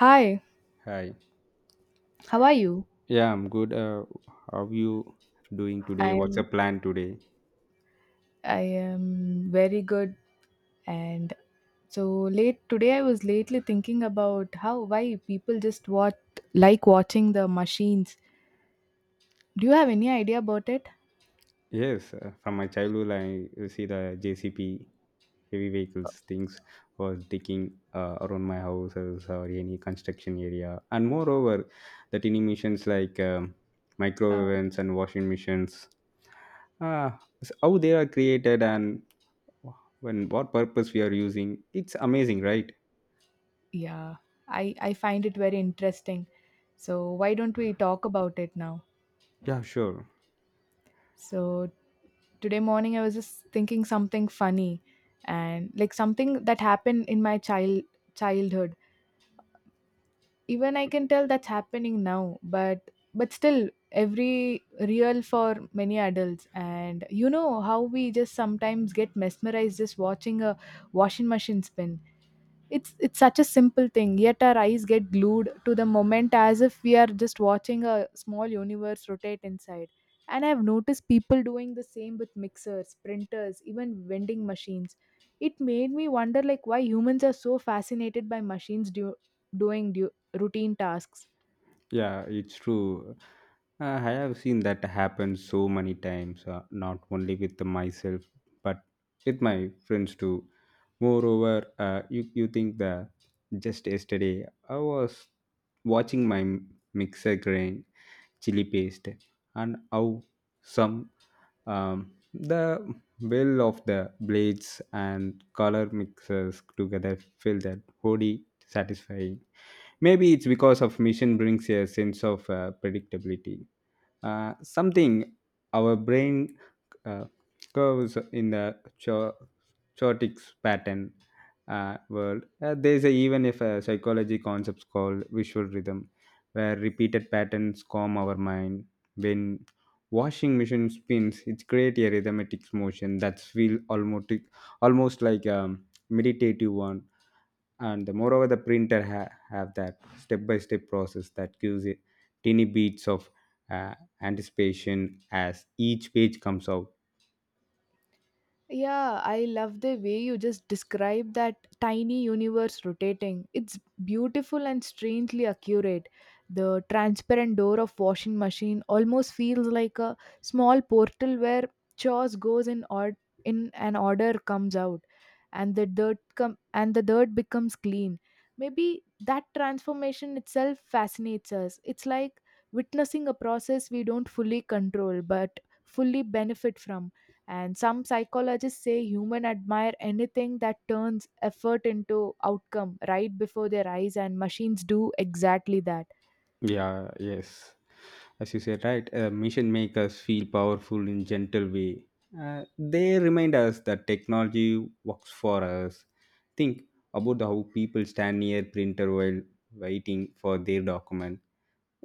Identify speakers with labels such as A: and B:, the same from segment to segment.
A: Hi,
B: Hi.
A: how are you?
B: Yeah, I'm good. How you doing
A: I
B: today? What's
A: am
B: your plan today?
A: I am very good. And so late today I was lately thinking about how why people just what like watching the machines. Do you have any idea about it?
B: Yes, from my childhood, I see the JCP heavy vehicles things was digging around my houses or any construction area, and moreover, the tiny machines like
A: Uh,
B: microwave ovens and washing machines. How they are created and when what purpose we are using. It's amazing, right?
A: yeah, I find it very interesting. So why don't we talk about it now?
B: Yeah, sure.
A: So today morning I was just thinking something funny and like something that happened in my childhood. Even I can tell that's happening now, but still every real for many adults. And you know how we just sometimes get mesmerized just watching a washing machine spin. It's such a simple thing, yet our eyes get glued to the moment as if we are just watching a small universe rotate inside. And I've noticed people doing the same with mixers, printers, even vending machines. It made me wonder like why humans are so fascinated by machines doing du- routine tasks.
B: Yeah, it's true. Uh, I have seen that happen so many times, not only with myself, but with my friends too. Moreover, uh, you think the just yesterday I was watching my mixer grind chili paste and how some the well of the blades and color mixers together feel that wholly satisfying, maybe it's because of mission brings a sense of predictability, something our brain uh, curves in the chaotic pattern, world. There is a, even if a psychology concepts called visual rhythm, where repeated patterns calm our mind. When washing machine spins, it creates a rhythmic motion that feels almost like a meditative one, and the moreover the printer have that step by step process that gives it tiny bits of uh, anticipation as each page comes out.
A: Yeah, I love the way you just describe that tiny universe rotating. It's beautiful and strangely accurate. The transparent door of washing machine almost feels like a small portal where chores goes in or in an order comes out, and and the dirt becomes clean. Maybe that transformation itself fascinates us. It's like witnessing a process we don't fully control but fully benefit from. And some psychologists say humans admire anything that turns effort into outcome right before their eyes, and machines do exactly that.
B: Yeah, yes, as you said, right, mission make us feel powerful in gentle way. They remind us that technology works for us. Think about how people stand near printer while waiting for their document.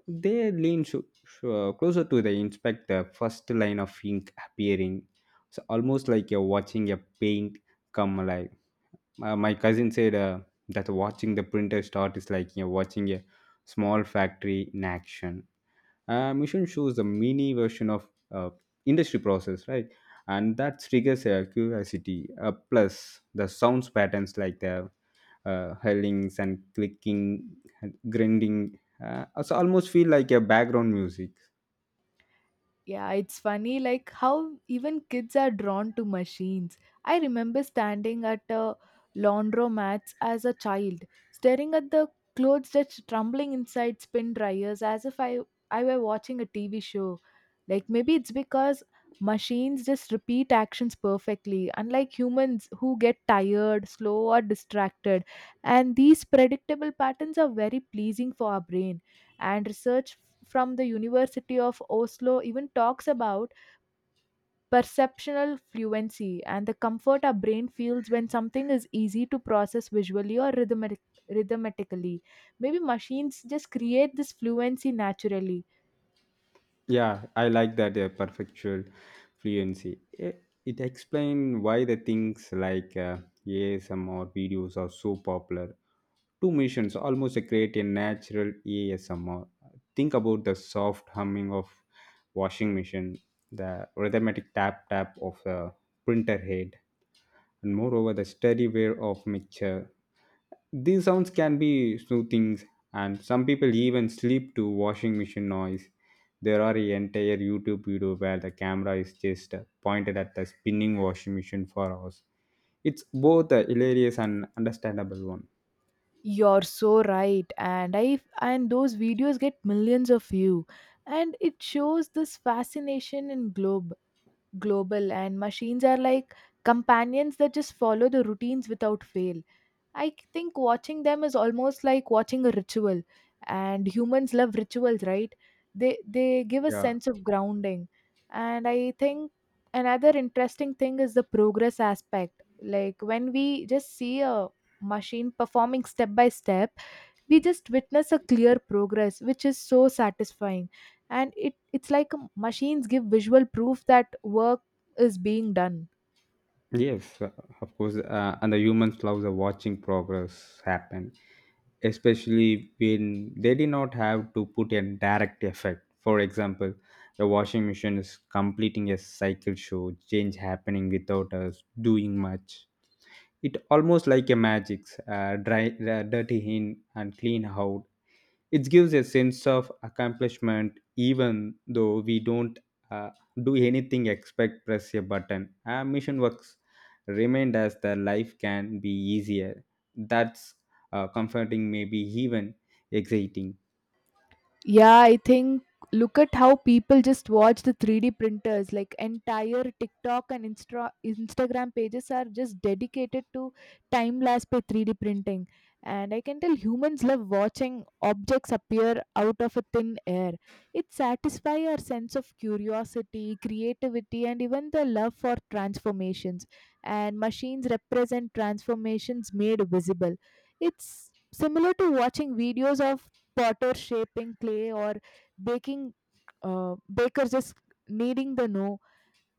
B: They lean so closer to the inspect the first line of ink appearing. It's almost like you're watching a paint come alive. My cousin said that watching the printer start is like you're watching a small factory in action. Mission shows a mini version of industry process, right? And that triggers a curiosity. Plus, the sounds patterns like the hurlings and clicking, grinding. So almost feel like a background music.
A: Yeah, it's funny like how even kids are drawn to machines. I remember standing at a laundromat as a child, staring at the clothes that's trembling inside spin dryers as if I were watching a TV show. Like maybe it's because machines just repeat actions perfectly, unlike humans who get tired, slow, or distracted. And these predictable patterns are very pleasing for our brain. And research from the University of Oslo even talks about perceptual fluency and the comfort our brain feels when something is easy to process visually or rhythmically. Maybe machines just create this fluency naturally.
B: Yeah, I like that perfectual fluency. It explains why the things like ASMR videos are so popular. Two missions almost create a natural ASMR. Think about the soft humming of washing machine, the rhythmic tap tap of a printer head, and moreover the steady wear of mixture. These sounds can be soothing, and some people even sleep to washing machine noise. There are a entire YouTube video where the camera is just pointed at the spinning washing machine for hours. It's both a hilarious and understandable one.
A: You're so right, and I and those videos get millions of view, and it shows this fascination in globe global. And machines are like companions that just follow the routines without fail. Think watching them is almost like watching a ritual, and humans love rituals, right? They give a
B: Yeah.
A: sense of grounding. And I think another interesting thing is the progress aspect. Like when we just see a machine performing step by step, we just witness a clear progress, which is so satisfying, and it's like machines give visual proof that work is being done.
B: Yes, of course. And the humans love the watching progress happen, especially when they did not have to put a direct effect. For example, the washing machine is completing a cycle show, change happening without us doing much. It almost like a magic, dry, dirty in and clean out. It gives a sense of accomplishment even though we don't uh, do anything except press a button. Our mission works remind us that life can be easier. That's comforting, maybe even exciting.
A: Yeah, I think look at how people just watch the 3D printers. Like entire TikTok and Instagram pages are just dedicated to time lapse by 3D printing. And I can tell humans love watching objects appear out of a thin air. It satisfies our sense of curiosity, creativity, and even the love for transformations. And machines represent transformations made visible. It's similar to watching videos of potter shaping clay, or baking baker just kneading the dough,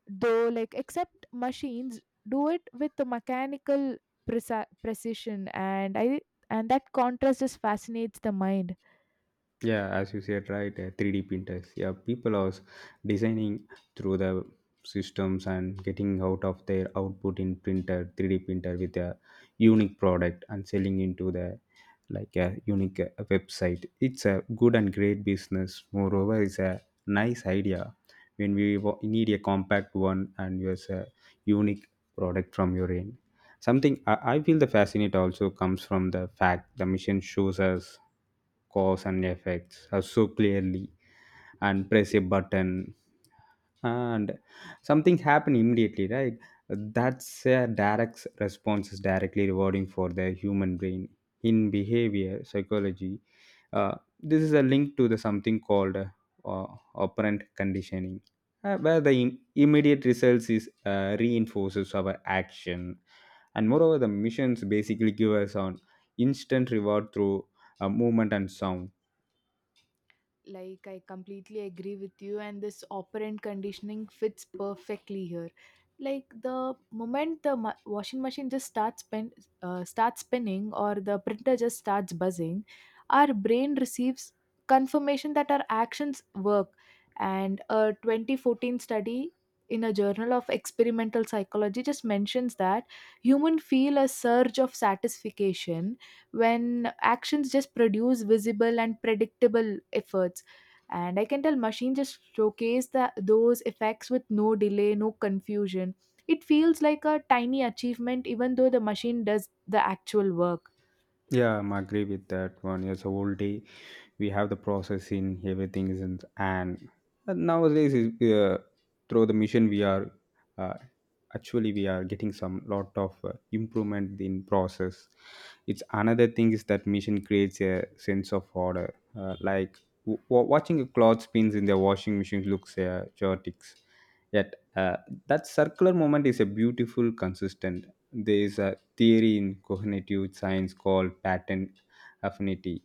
A: though like except machines do it with the mechanical precision. And I and that contrast just fascinates the mind.
B: Yeah, as you said, right? 3D printers. Yeah, people are designing through the systems and getting out of their output in printer 3D printer with a unique product and selling into the like a unique website. It's a good and great business, moreover it's a nice idea when we need a compact one and use a unique product from your end. Something I feel the fascinate also comes from the fact the mission shows us cause and effects are so clearly, and press a button and something happened immediately, right? That's a direct response is directly rewarding for the human brain in behavior psychology. This is a link to the something called operant conditioning, where the immediate results is reinforces our action, and moreover, the missions basically give us on instant reward through movement and sound.
A: Like I completely agree with you, and this operant conditioning fits perfectly here. Like the moment the washing machine just starts spinning, or the printer just starts buzzing, our brain receives confirmation that our actions work. And a 2014 study in a journal of experimental psychology just mentions that human feel a surge of satisfaction when actions just produce visible and predictable efforts. And I can tell machine just showcase those effects with no delay, no confusion. It feels like a tiny achievement even though the machine does the actual work.
B: Yeah, I am agree with that one. Yes, a whole day we have the processing everything is in, and nowadays is, through the machine we are uh, actually we are getting some lot of improvement in process. It's another thing is that machine creates a sense of order, like watching a cloth spins in the washing machine looks chaotic, yet that circular moment is a beautiful consistent. There is a theory in cognitive science called pattern affinity,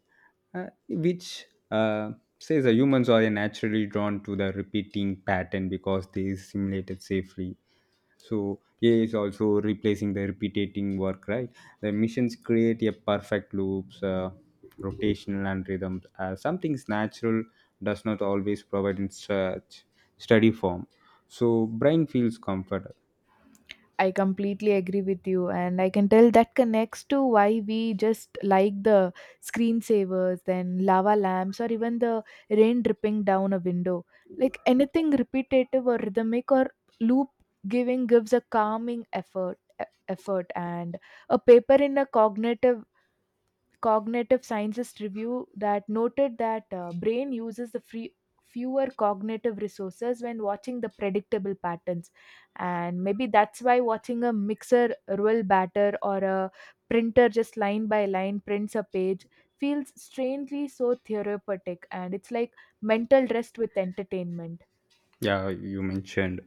B: which says that humans are naturally drawn to the repeating pattern because they is simulated safely. So AI is also replacing the repeating work, right? The missions create a perfect loops, rotational and rhythms. Something's natural does not always provide in such study form. So brain feels comfort.
A: I completely agree with you, and I can tell that connects to why we just like the screensavers, then lava lamps, or even the rain dripping down a window. Like anything repetitive or rhythmic or loop giving gives a calming effort. And a paper in a cognitive scientist review that noted that brain uses the free fewer cognitive resources when watching the predictable patterns. And maybe that's why watching a mixer roll batter, or a printer just line by line prints a page, feels strangely so therapeutic. And it's like mental rest with entertainment.
B: Yeah, you mentioned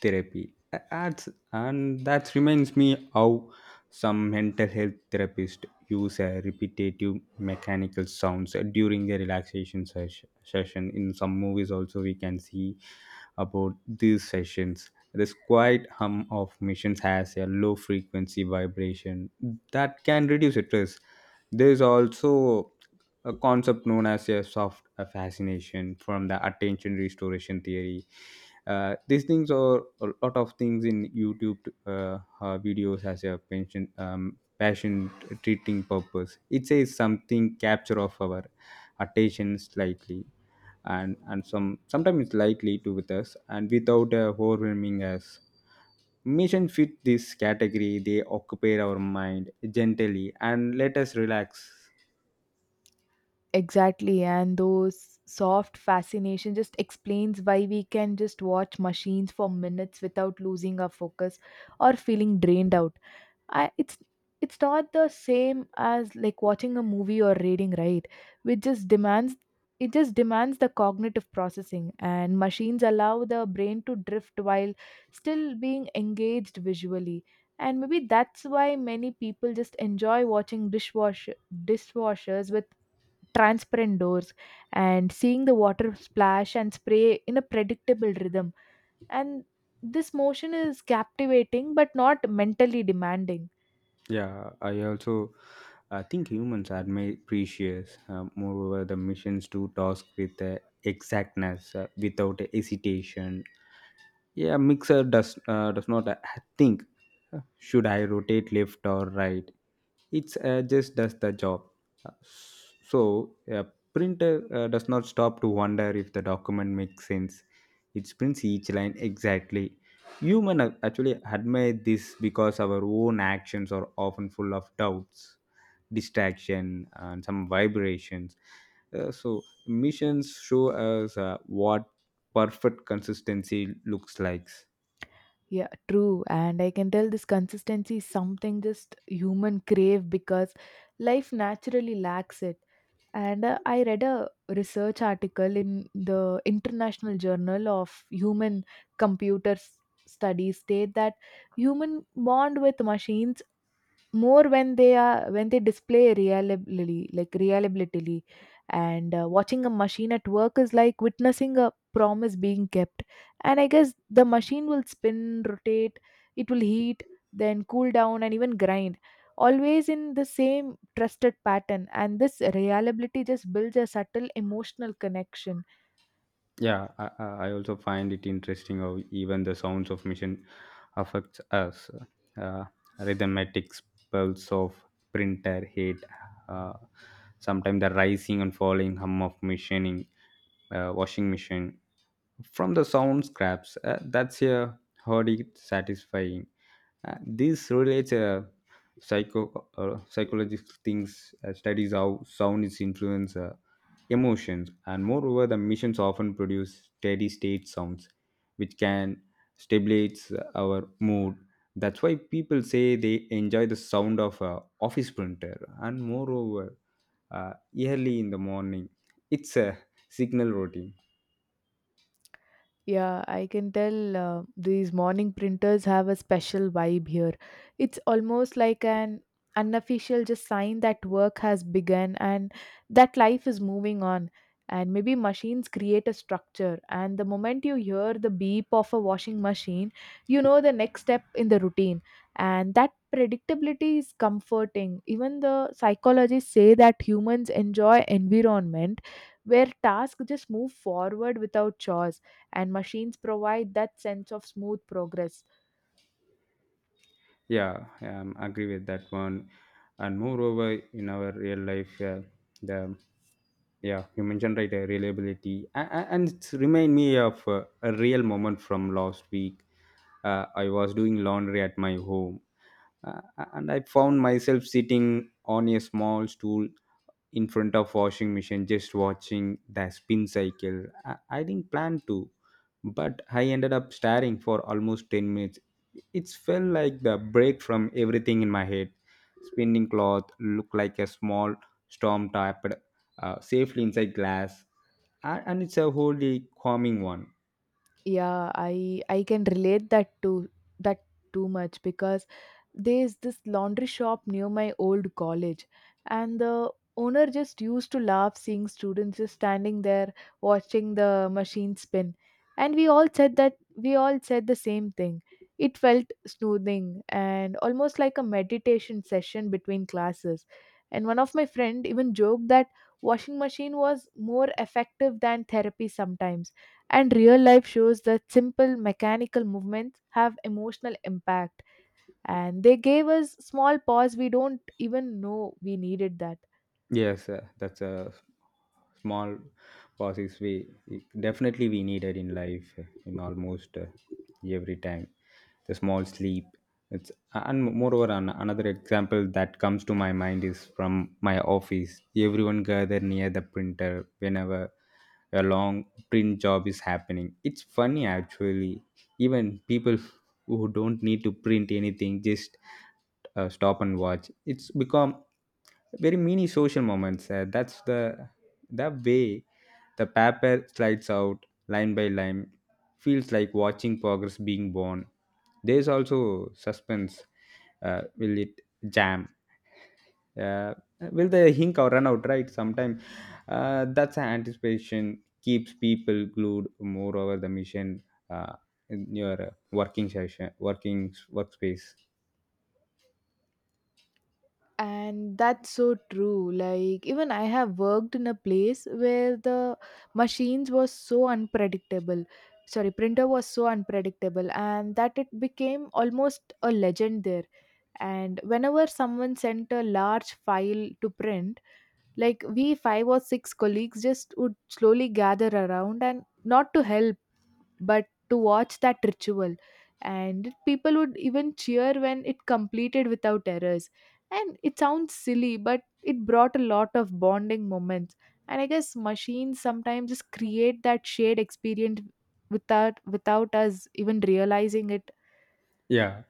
B: therapy ads, and that reminds me how some mental health therapists use a repetitive mechanical sounds during the relaxation session. In some movies also we can see about these sessions. This quiet hum of machines has a low frequency vibration that can reduce stress. There is also a concept known as a soft fascination from the attention restoration theory. These things are a lot of things in YouTube videos as a pension, passion treating purpose. It says something capture of our attention slightly, and some sometimes it's likely to with us and without overwhelming us. Mission fit this category, they occupy our mind gently and let us relax.
A: Exactly, and those soft fascination just explains why we can just watch machines for minutes without losing our focus or feeling drained out. I, It's not the same as like watching a movie or reading, right? Which just demands it just demands the cognitive processing, and machines allow the brain to drift while still being engaged visually. And maybe that's why many people just enjoy watching dishwashers with transparent doors and seeing the water splash and spray in a predictable rhythm. And this motion is captivating but not mentally demanding.
B: Yeah, I also I think humans are made precious. Moreover, the missions do task with exactness, without hesitation. Yeah, mixer does not think. Should I rotate left or right? It's just does the job. Uh, so a printer does not stop to wonder if the document makes sense. It prints each line exactly. Human actually admire this because our own actions are often full of doubts, distraction, and some vibrations. So missions show us what perfect consistency looks like.
A: Yeah, true. And I can tell this consistency is something just human crave because life naturally lacks it. And I read a research article in the International Journal of Human Computer Studies state that human bond with machines more when they display reliably, like reliability. And watching a machine at work is like witnessing a promise being kept. And I guess the machine will spin, rotate, it will heat, then cool down, and even grind, always in the same trusted pattern. And this reliability just builds a subtle emotional connection.
B: Yeah, I also find it interesting how even the sounds of machine affects us. Uh, Rhythmatic pulse of printer heat, uh, sometimes the rising and falling hum of machining, washing machine. From the sound scraps, that's a heard it satisfying. This relates psycho psychological things studies how sound is influence emotions, and moreover the missions often produce steady state sounds which can stabilize our mood. That's why people say they enjoy the sound of a office printer, and moreover uh, early in the morning it's a signal routine.
A: Yeah, I can tell these morning printers have a special vibe here. It's almost like an unofficial just sign that work has begun and that life is moving on. And maybe machines create a structure, and the moment you hear the beep of a washing machine, you know the next step in the routine. And that predictability is comforting. Even the psychologists say that humans enjoy environment where tasks just move forward without chores, and machines provide that sense of smooth progress.
B: Yeah, agree with that one. And moreover, in our real life, the yeah, you mentioned right, reliability, and it's remind me of a real moment from last week. I was doing laundry at my home, uh, and I found myself sitting on a small stool in front of washing machine just watching the spin cycle. I didn't plan to, but I ended up staring for almost 10 minutes. It felt like the break from everything in my head. Spinning cloth looked like a small storm type safely inside glass, and it's a wholly calming one.
A: Yeah, I can relate that too, that too much because there's this laundry shop near my old college, and the owner just used to laugh seeing students just standing there watching the machine spin. And we all said the same thing: it felt soothing and almost like a meditation session between classes. And one of my friend even joked that washing machine was more effective than therapy sometimes. And real life shows that simple mechanical movements have emotional impact. And they gave us small pause we don't even know we needed that.
B: Yes, that's a small pauses we definitely we needed in life in almost every time. The small sleep. It's and moreover another example that comes to my mind is from my office. Everyone gather near the printer whenever a long print job is happening. It's funny actually. Even people who don't need to print anything just stop and watch. It's become very mini social moments. That's the way the paper slides out line by line, feels like watching progress being born. There's also suspense. Will it jam? Uh, will the ink or run out? Right. Sometimes that's an anticipation keeps people glued more over the mission uh, in your working session, working workspace.
A: And that's so true. Like, even I have worked in a place where the machines was so unpredictable. Sorry, printer was so unpredictable, and that it became almost a legend there. And whenever someone sent a large file to print, like we five or six colleagues just would slowly gather around, and not to help but to watch that ritual. And people would even cheer when it completed without errors. And it sounds silly, but it brought a lot of bonding moments. And I guess machines sometimes just create that shared experience without us even realizing it.
B: Yeah,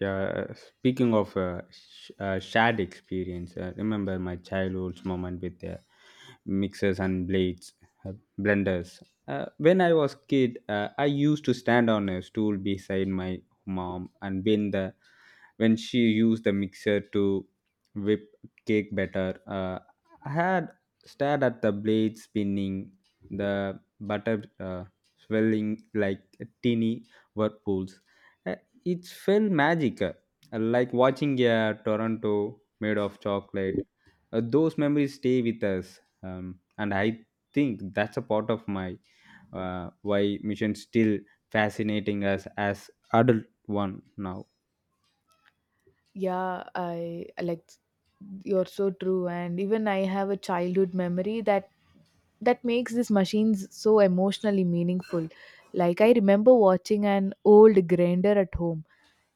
B: yeah. Speaking of shared experience, remember my childhood's moment with the mixers and blades, uh, blenders. When I was kid, I used to stand on a stool beside my mom, and when she used the mixer to whip cake better, I had stared at the blade spinning, the butter swelling like teeny whirlpools. Uh, it felt magic like watching a toronto made of chocolate. Those memories stay with us, um, and I think that's a part of my uh, why mission still fascinating us as adult one now.
A: Yeah, I like you're so true, and even I have a childhood memory that makes these machines so emotionally meaningful. Like I remember watching an old grinder at home.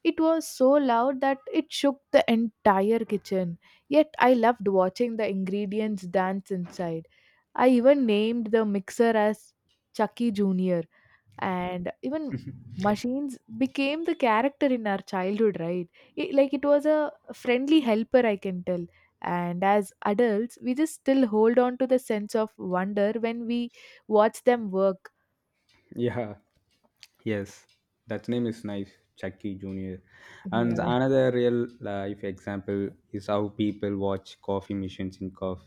A: It was so loud that it shook the entire kitchen. Yet I loved watching the ingredients dance inside. I even named the mixer as Chucky Jr, and even machines became the character in our childhood, right? It, like it was a friendly helper, I can tell. And as adults we just still hold on to the sense of wonder when we watch them work.
B: Yeah, yes, that name is nice, Chucky Jr. And
A: Yeah.
B: another real life example is how people watch coffee machines in cough.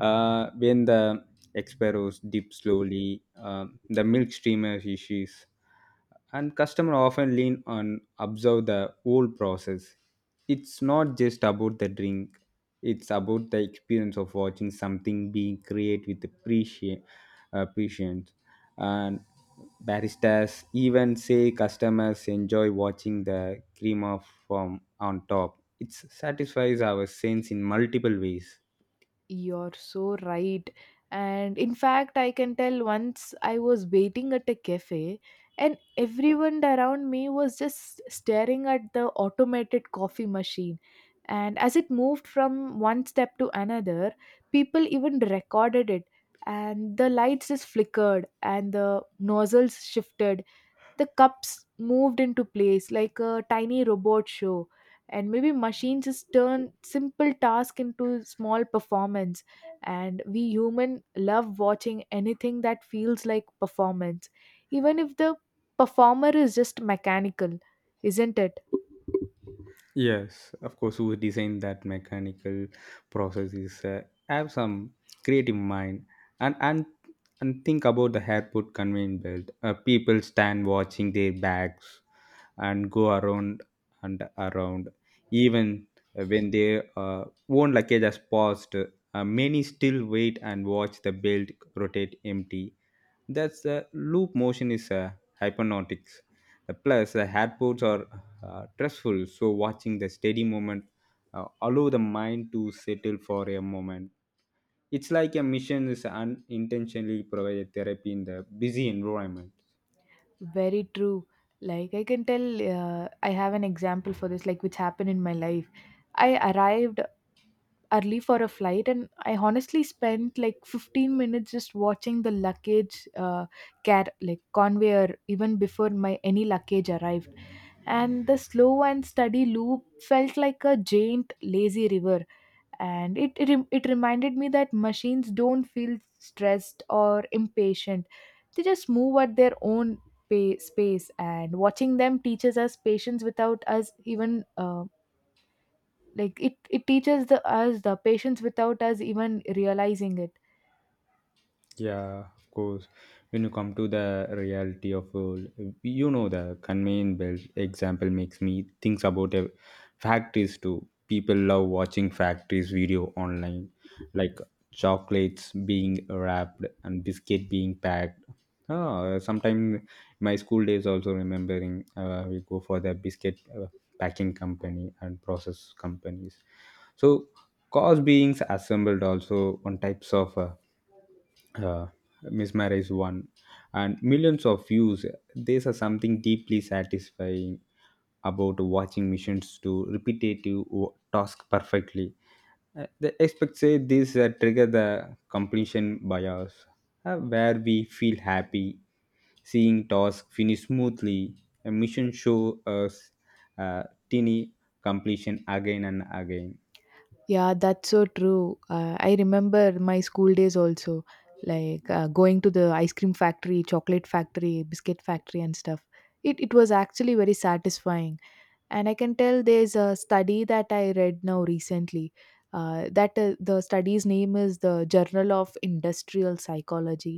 B: When the experos dip slowly, the milk streamer issues, and customer often lean on observe the whole process. It's not just about the drink. It's about the experience of watching something being created with appreciation, patience, and baristas even say customers enjoy watching the cream of form on top. It satisfies our sense in multiple ways.
A: You're so right. And in fact, I can tell once I was waiting at a cafe and everyone around me was just staring at the automated coffee machine. And as it moved from one step to another, people even recorded it. And the lights just flickered and the nozzles shifted, the cups moved into place like a tiny robot show. And maybe machines just turn simple task into small performance, and we human love watching anything that feels like performance, even if the performer is just mechanical, isn't it?
B: Yes, of course, who designed that mechanical process is have some creative mind. And and and think about the airport conveyor belt. People stand watching their bags and go around and around. Even when their own luggage has passed, many still wait and watch the belt rotate empty. That's the loop motion is hypnotic. Plus, airports are stressful, so watching the steady movement allow the mind to settle for a moment. It's like a mission is unintentionally provided therapy in the busy environment.
A: Very true. Like I can tell I have an example for this, like which happened in my life. I arrived early for a flight, and I honestly spent like 15 minutes just watching the luggage car like conveyor even before my any luggage arrived. And the slow and steady loop felt like a giant lazy river. And it reminded me that machines don't feel stressed or impatient. They just move at their own space, and watching them teaches us patience without us even like it teaches the us the patience without us even realizing it.
B: Yeah, of course. When you come to the reality of world, you know the conveyor belt example makes me think about factories too. People love watching factories video online, like chocolates being wrapped and biscuit being packed. Ah, sometimes my school days also remembering, we go for the biscuit packing company and process companies. So, cause beings assembled also on types of uh, mesmerize one and millions of views. There's a something deeply satisfying about watching missions do repetitive task perfectly. The experts say this trigger the completion bias, where we feel happy seeing tasks finish smoothly. A mission show us uh, tiny completion again and again.
A: Yeah, that's so true. I remember my school days also, like going to the ice cream factory, chocolate factory, biscuit factory, and stuff. It was actually very satisfying. And I can tell there's a study that I read now recently, that the study's name is the Journal of Industrial Psychology,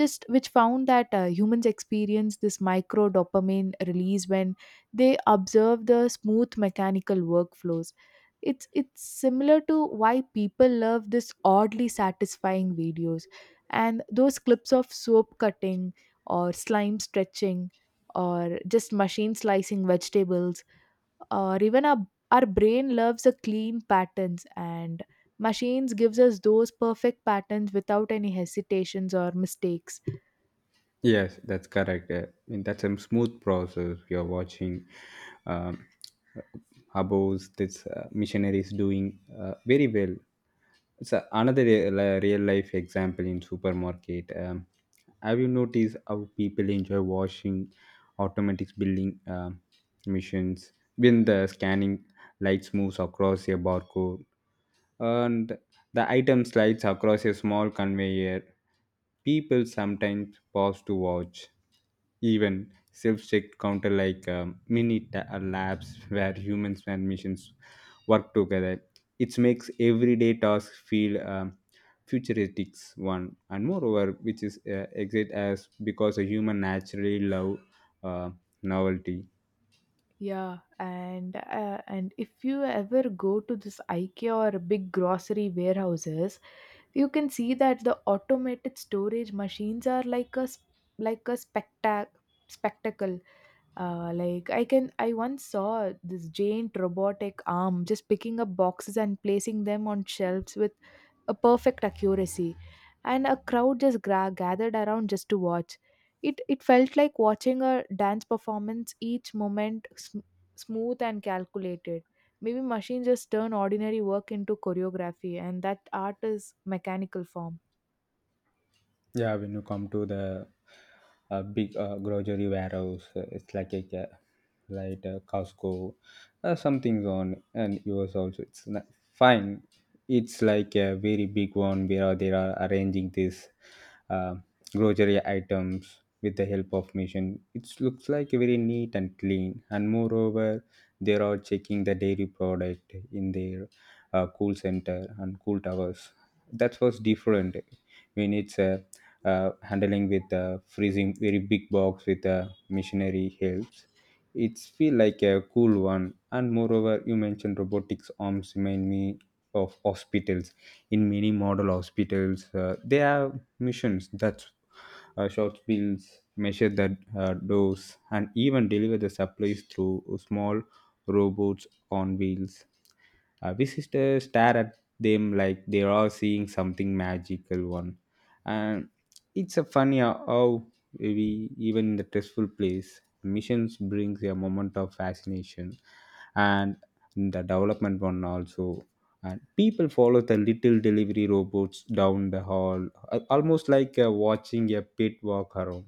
A: just which found that humans experience this micro dopamine release when they observe the smooth mechanical workflows. It's similar to why people love this oddly satisfying videos, and those clips of soap cutting, or slime stretching, or just machine slicing vegetables, or even our brain loves a clean patterns, and machines gives us those perfect patterns without any hesitations or mistakes.
B: Yes, that's correct. And that's a smooth process. You're watching, um, abos, this missionaries doing very well. Another real, real life example in supermarket. Have you noticed how people enjoy washing automatic billing missions when the scanning lights moves across a barcode? And the item slides across a small conveyor. People sometimes pause to watch. Even self-check counter like mini labs where humans and machines work together. It makes everyday tasks feel futuristic one, and moreover, which is exit as because a human naturally love uh, novelty.
A: Yeah, and if you ever go to this IKEA or big grocery warehouses, you can see that the automated storage machines are like like a spectacle. Like, I once saw this giant robotic arm just picking up boxes and placing them on shelves with a perfect accuracy, and a crowd just gathered around just to watch. It felt like watching a dance performance, each moment smooth and calculated. Maybe machines just turn ordinary work into choreography, and that art is mechanical form.
B: Yeah, when you come to the big grocery warehouse, it's like like Costco, something's on, and yours also. It's not, fine. It's like a very big one where they are arranging these uh, grocery items with the help of machine. It looks like very neat and clean, and moreover, they are checking the dairy product in their cool center and cool towers. That was different when it's a handling with freezing very big box with machinery helps. It's feel like a cool one. And moreover, you mentioned robotics arms remind me of hospitals. In many model hospitals, they have missions that short fields measure the dose and even deliver the supplies through small robots on wheels. Visitors stare at them like they are seeing something magical one. And it's a funny how we even in the stressful place, missions brings a moment of fascination and the development one also. And people follow the little delivery robots down the hall, almost like watching a pit walk around.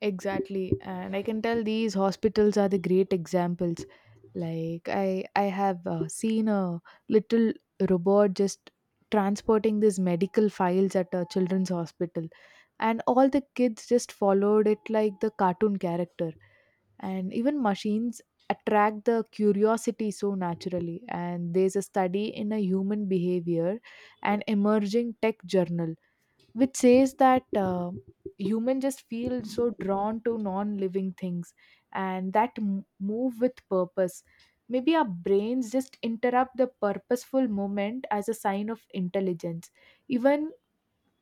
A: Exactly. And I can tell these hospitals are the great examples. Like I have seen a little robot just transporting these medical files at a children's hospital, and all the kids just followed it like the cartoon character. And even machines attract the curiosity so naturally. And there's a study in a Human Behavior and Emerging Tech Journal, which says that humans just feel so drawn to non-living things and that move with purpose. Maybe our brains just interrupt the purposeful moment as a sign of intelligence, even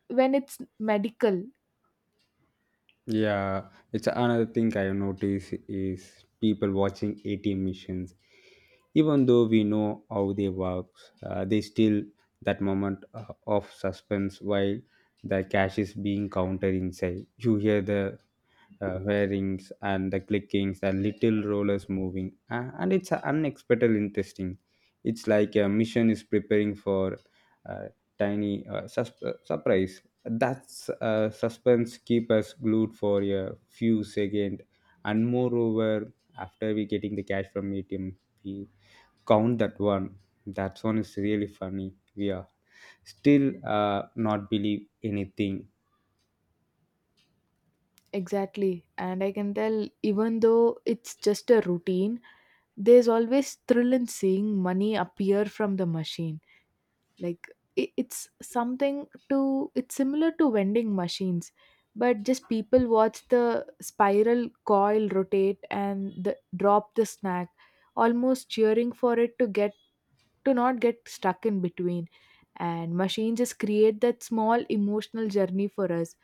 A: when it's medical.
B: Yeah, it's another thing I notice is people watching ATM missions. Even though we know how they work, they still that moment of suspense while the cash is being counted inside. You hear the whirrings and the clickings and little rollers moving, and it's unexpected interesting. It's like a mission is preparing for a tiny surprise. That's suspense keep us glued for a few seconds. And moreover, after we getting the cash from ATM, we count that one. That one is really funny. We are still not believe anything.
A: Exactly, and I can tell, even though it's just a routine, there's always thrill in seeing money appear from the machine. Like, it's something to, it's similar to vending machines, but just people watch the spiral coil rotate and drop the snack, almost cheering for it to not get stuck in between. And machines just create that small emotional journey for us.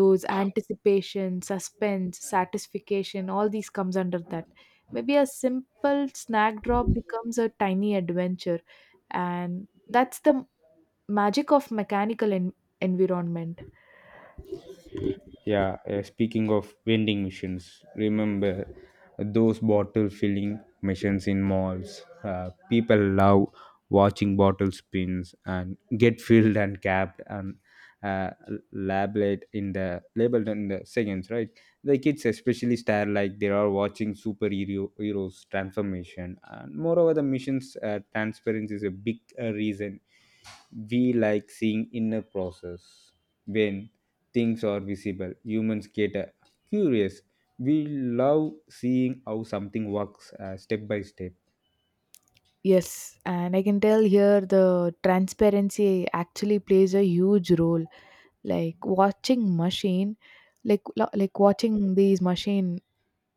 A: Those anticipation, suspense, satisfaction, all these comes under that. Maybe a simple snack drop becomes a tiny adventure, and that's the magic of mechanical environment.
B: Yeah, speaking of vending machines, remember those bottle filling machines in malls? People love watching bottle spins and get filled and capped and uh, labeled in the seconds, right? The kids especially stare like they are watching superhero heroes transformation. And moreover, the mission's transparency is a big reason we like seeing inner process when things are visible. Humans get curious. We love seeing how something works step by step.
A: Yes, and I can tell here the transparency actually plays a huge role. Like watching machine like lo- like watching these machine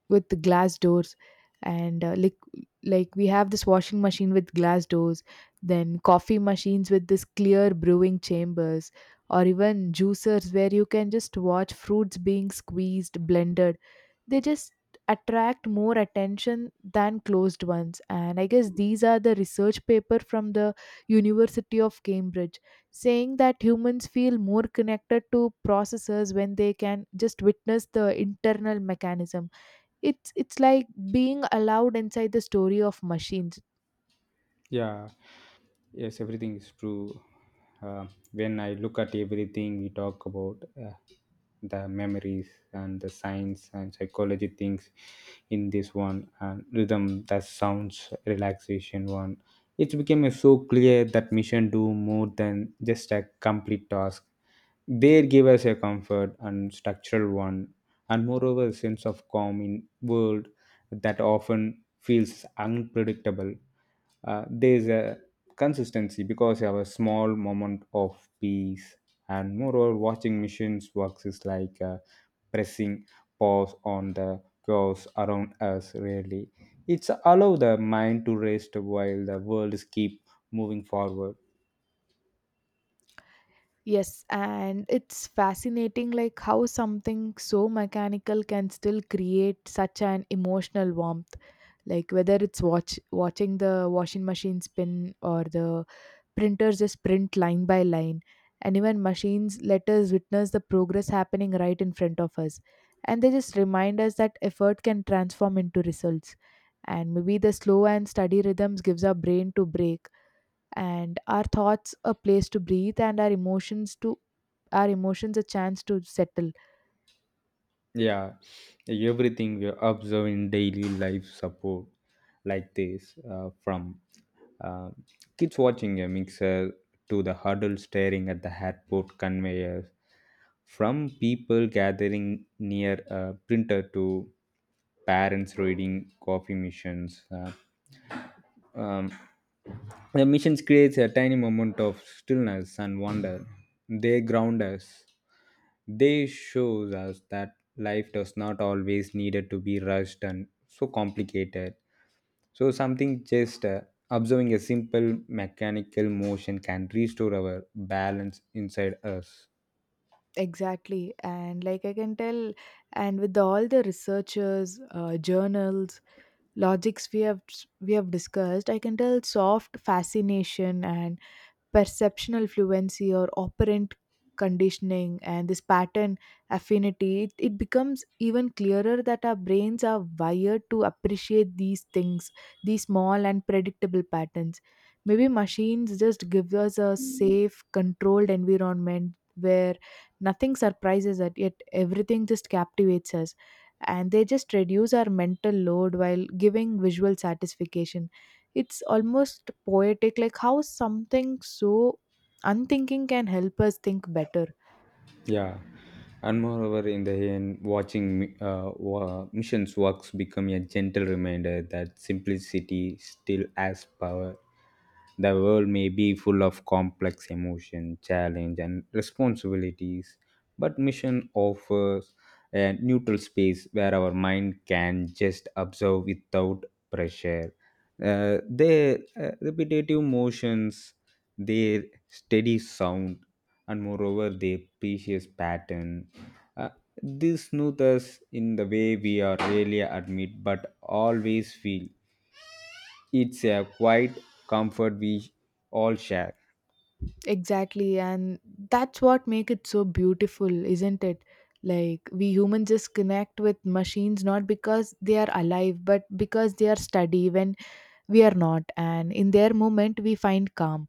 A: with the glass doors, and like, we have this washing machine with glass doors, then coffee machines with this clear brewing chambers, or even juicers where you can just watch fruits being squeezed, blended. They just attract more attention than closed ones. And I guess these are the research paper from the University of Cambridge, saying that humans feel more connected to processors when they can just witness the internal mechanism. It's like being allowed inside the story of machines.
B: Yeah, yes, everything is true. uh, when I look at everything we talk about, uh, the memories and the science and psychology things in this one and rhythm that sounds relaxation one, it became so clear that mission do more than just a complete task. They give us a comfort and structural one, and moreover a sense of calm in world that often feels unpredictable. There's a consistency because you have a small moment of peace. And moreover, watching machines works is like pressing pause on the chaos around us, really. It's allow the mind to rest while the world is keep moving forward.
A: Yes, and it's fascinating like how something so mechanical can still create such an emotional warmth. Like, whether it's watching the washing machine spin, or the printers just print line by line, and even machines let us witness the progress happening right in front of us. And they just remind us that effort can transform into results. And maybe the slow and steady rhythms gives our brain to break, and our thoughts a place to breathe, and our emotions a chance to settle.
B: Yeah, everything we observe in daily life support like this, from uh, kids watching a mixer to the huddle staring at the airport conveyors, from people gathering near a printer to parents reading coffee missions. Um, the missions creates a tiny moment of stillness and wonder. They ground us. They shows us that life does not always needed to be rushed and so complicated. So something just observing a simple mechanical motion can restore our balance inside us.
A: Exactly, and like I can tell, and with all the researchers, journals, logics we have discussed, I can tell soft fascination and perceptional fluency or operant conditioning and this pattern affinity, it becomes even clearer that our brains are wired to appreciate these things, these small and predictable patterns. Maybe machines just give us a safe controlled environment where nothing surprises us, yet everything just captivates us. And they just reduce our mental load while giving visual satisfaction. It's almost poetic, like how something so unthinking can help us think better.
B: Yeah, and moreover, in the end, watching missions works become a gentle reminder that simplicity still has power. The world may be full of complex emotion, challenge, and responsibilities, but mission offers a neutral space where our mind can just observe without pressure. Their repetitive motions, their steady sound, and moreover the precious pattern. Uh, this snoot us in the way we are rarely admit but always feel. It's a quiet comfort we all share.
A: Exactly, and that's what make it so beautiful, isn't it? Like, we humans just connect with machines not because they are alive, but because they are steady when we are not, and in their moment we find calm.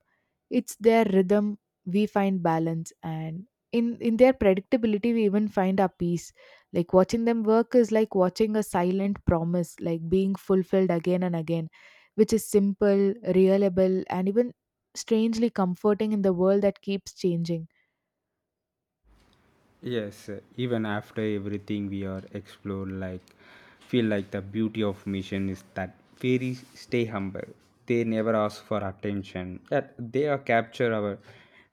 A: It's their rhythm we find balance, and in their predictability we even find our peace. Like watching them work is like watching a silent promise like being fulfilled again and again, which is simple, reliable and even strangely comforting in the world that keeps changing.
B: Yes, even after everything we are explored, like feel like the beauty of mission is that fairies stay humble. They never ask for attention. That they are capture our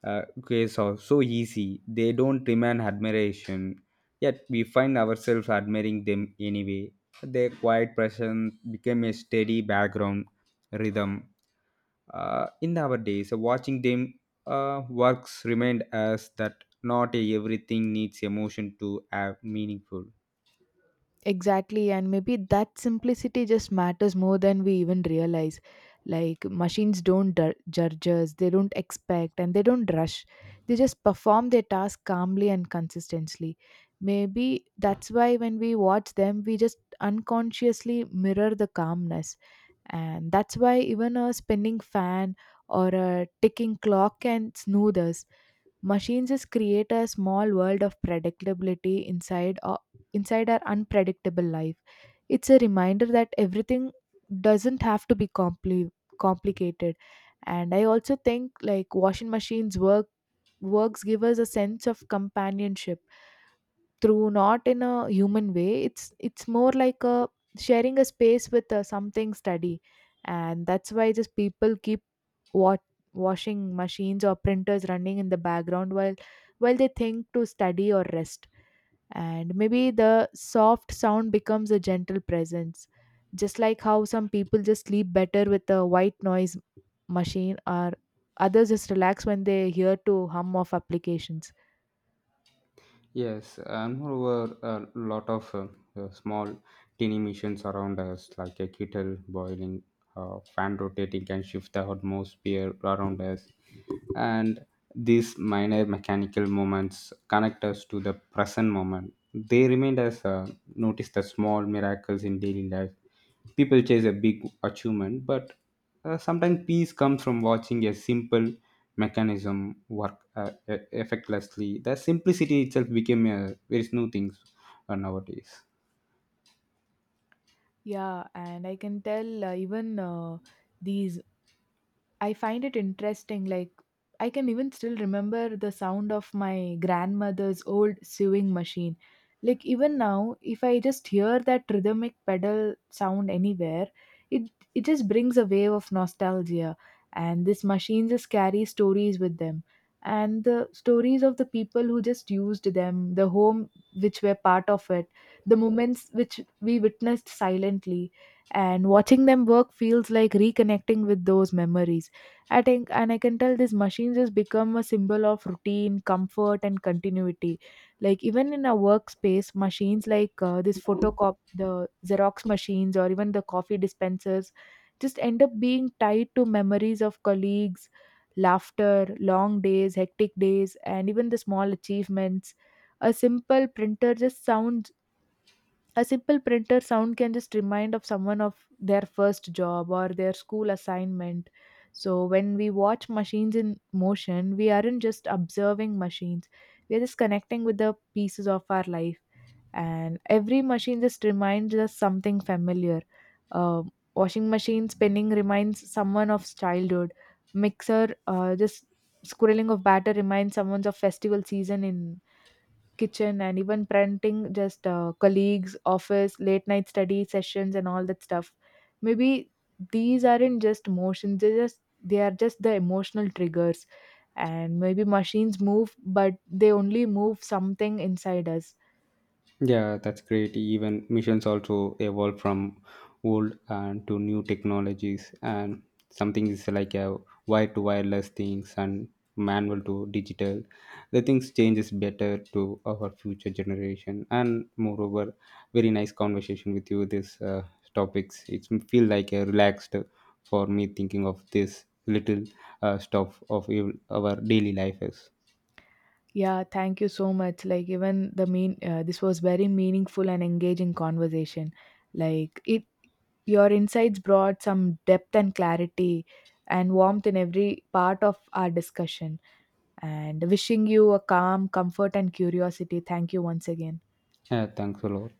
B: uh, case of so easy. They don't demand admiration. Yet we find ourselves admiring them anyway. Their quiet presence became a steady background rhythm. In our days, watching them works remind us that not everything needs emotion to have meaningful.
A: Exactly, and maybe that simplicity just matters more than we even realize. Like, machines don't judge us, they don't expect, and they don't rush. They just perform their task calmly and consistently. Maybe that's why when we watch them, we just unconsciously mirror the calmness. And that's why even a spinning fan or a ticking clock can soothe us. Machines is create a small world of predictability inside our unpredictable life. It's a reminder that everything doesn't have to be complicated. And I also think like washing machines works give us a sense of companionship, through not in a human way, it's more like a sharing a space with something steady. And that's why just people keep what washing machines or printers running in the background, while they think to study or rest. And maybe the soft sound becomes a gentle presence, just like how some people just sleep better with a white noise machine, or others just relax when they hear to hum of applications.
B: Yes, and moreover, a lot of small, teeny missions around us, like a kettle boiling, fan rotating, can shift the atmosphere around us. And these minor mechanical moments connect us to the present moment. They remind us notice the small miracles in daily life. People chase a big achievement, but sometimes peace comes from watching a simple mechanism work effectlessly. The simplicity itself became a very new thing nowadays.
A: Yeah, and I can tell, even, these, I find it interesting. Like, I can even still remember the sound of my grandmother's old sewing machine. Like, even now, if I just hear that rhythmic pedal sound anywhere, it, it just brings a wave of nostalgia. And this machine just carries stories with them. And the stories of the people who just used them, the home which were part of it, the moments which we witnessed silently. And watching them work feels like reconnecting with those memories, I think, and I can tell this machine just become a symbol of routine, comfort, and continuity. Like even in our workspace, machines like this the Xerox machines, or even the coffee dispensers, just end up being tied to memories of colleagues, laughter, long days, hectic days, and even the small achievements. A simple printer just sounds a simple printer sound can just remind of someone of their first job or their school assignment. So when we watch machines in motion, we aren't just observing machines. We are just connecting with the pieces of our life. And every machine just reminds us something familiar. Um Washing machine spinning reminds someone of childhood. Mixer, just squirreling of batter reminds someone of festival season in kitchen, and even parenting, just colleagues office, late night study sessions, and all that stuff. Maybe these aren't just emotions, they are just the emotional triggers. And maybe machines move, but they only move something inside us.
B: Yeah, that's great. Even missions also evolve from old and to new technologies, and something is like a wire to wireless things and manual to digital. The things changes better to our future generation, and moreover, very nice conversation with you. This topics it's feel like a relaxed for me thinking of this little stuff of our daily life is.
A: Yeah, thank you so much. Like, even the mean this was very meaningful and engaging conversation. Like, it your insights brought some depth and clarity and warmth in every part of our discussion, and wishing you a calm, comfort and curiosity. Thank you once again.
B: Yeah, thanks a lot.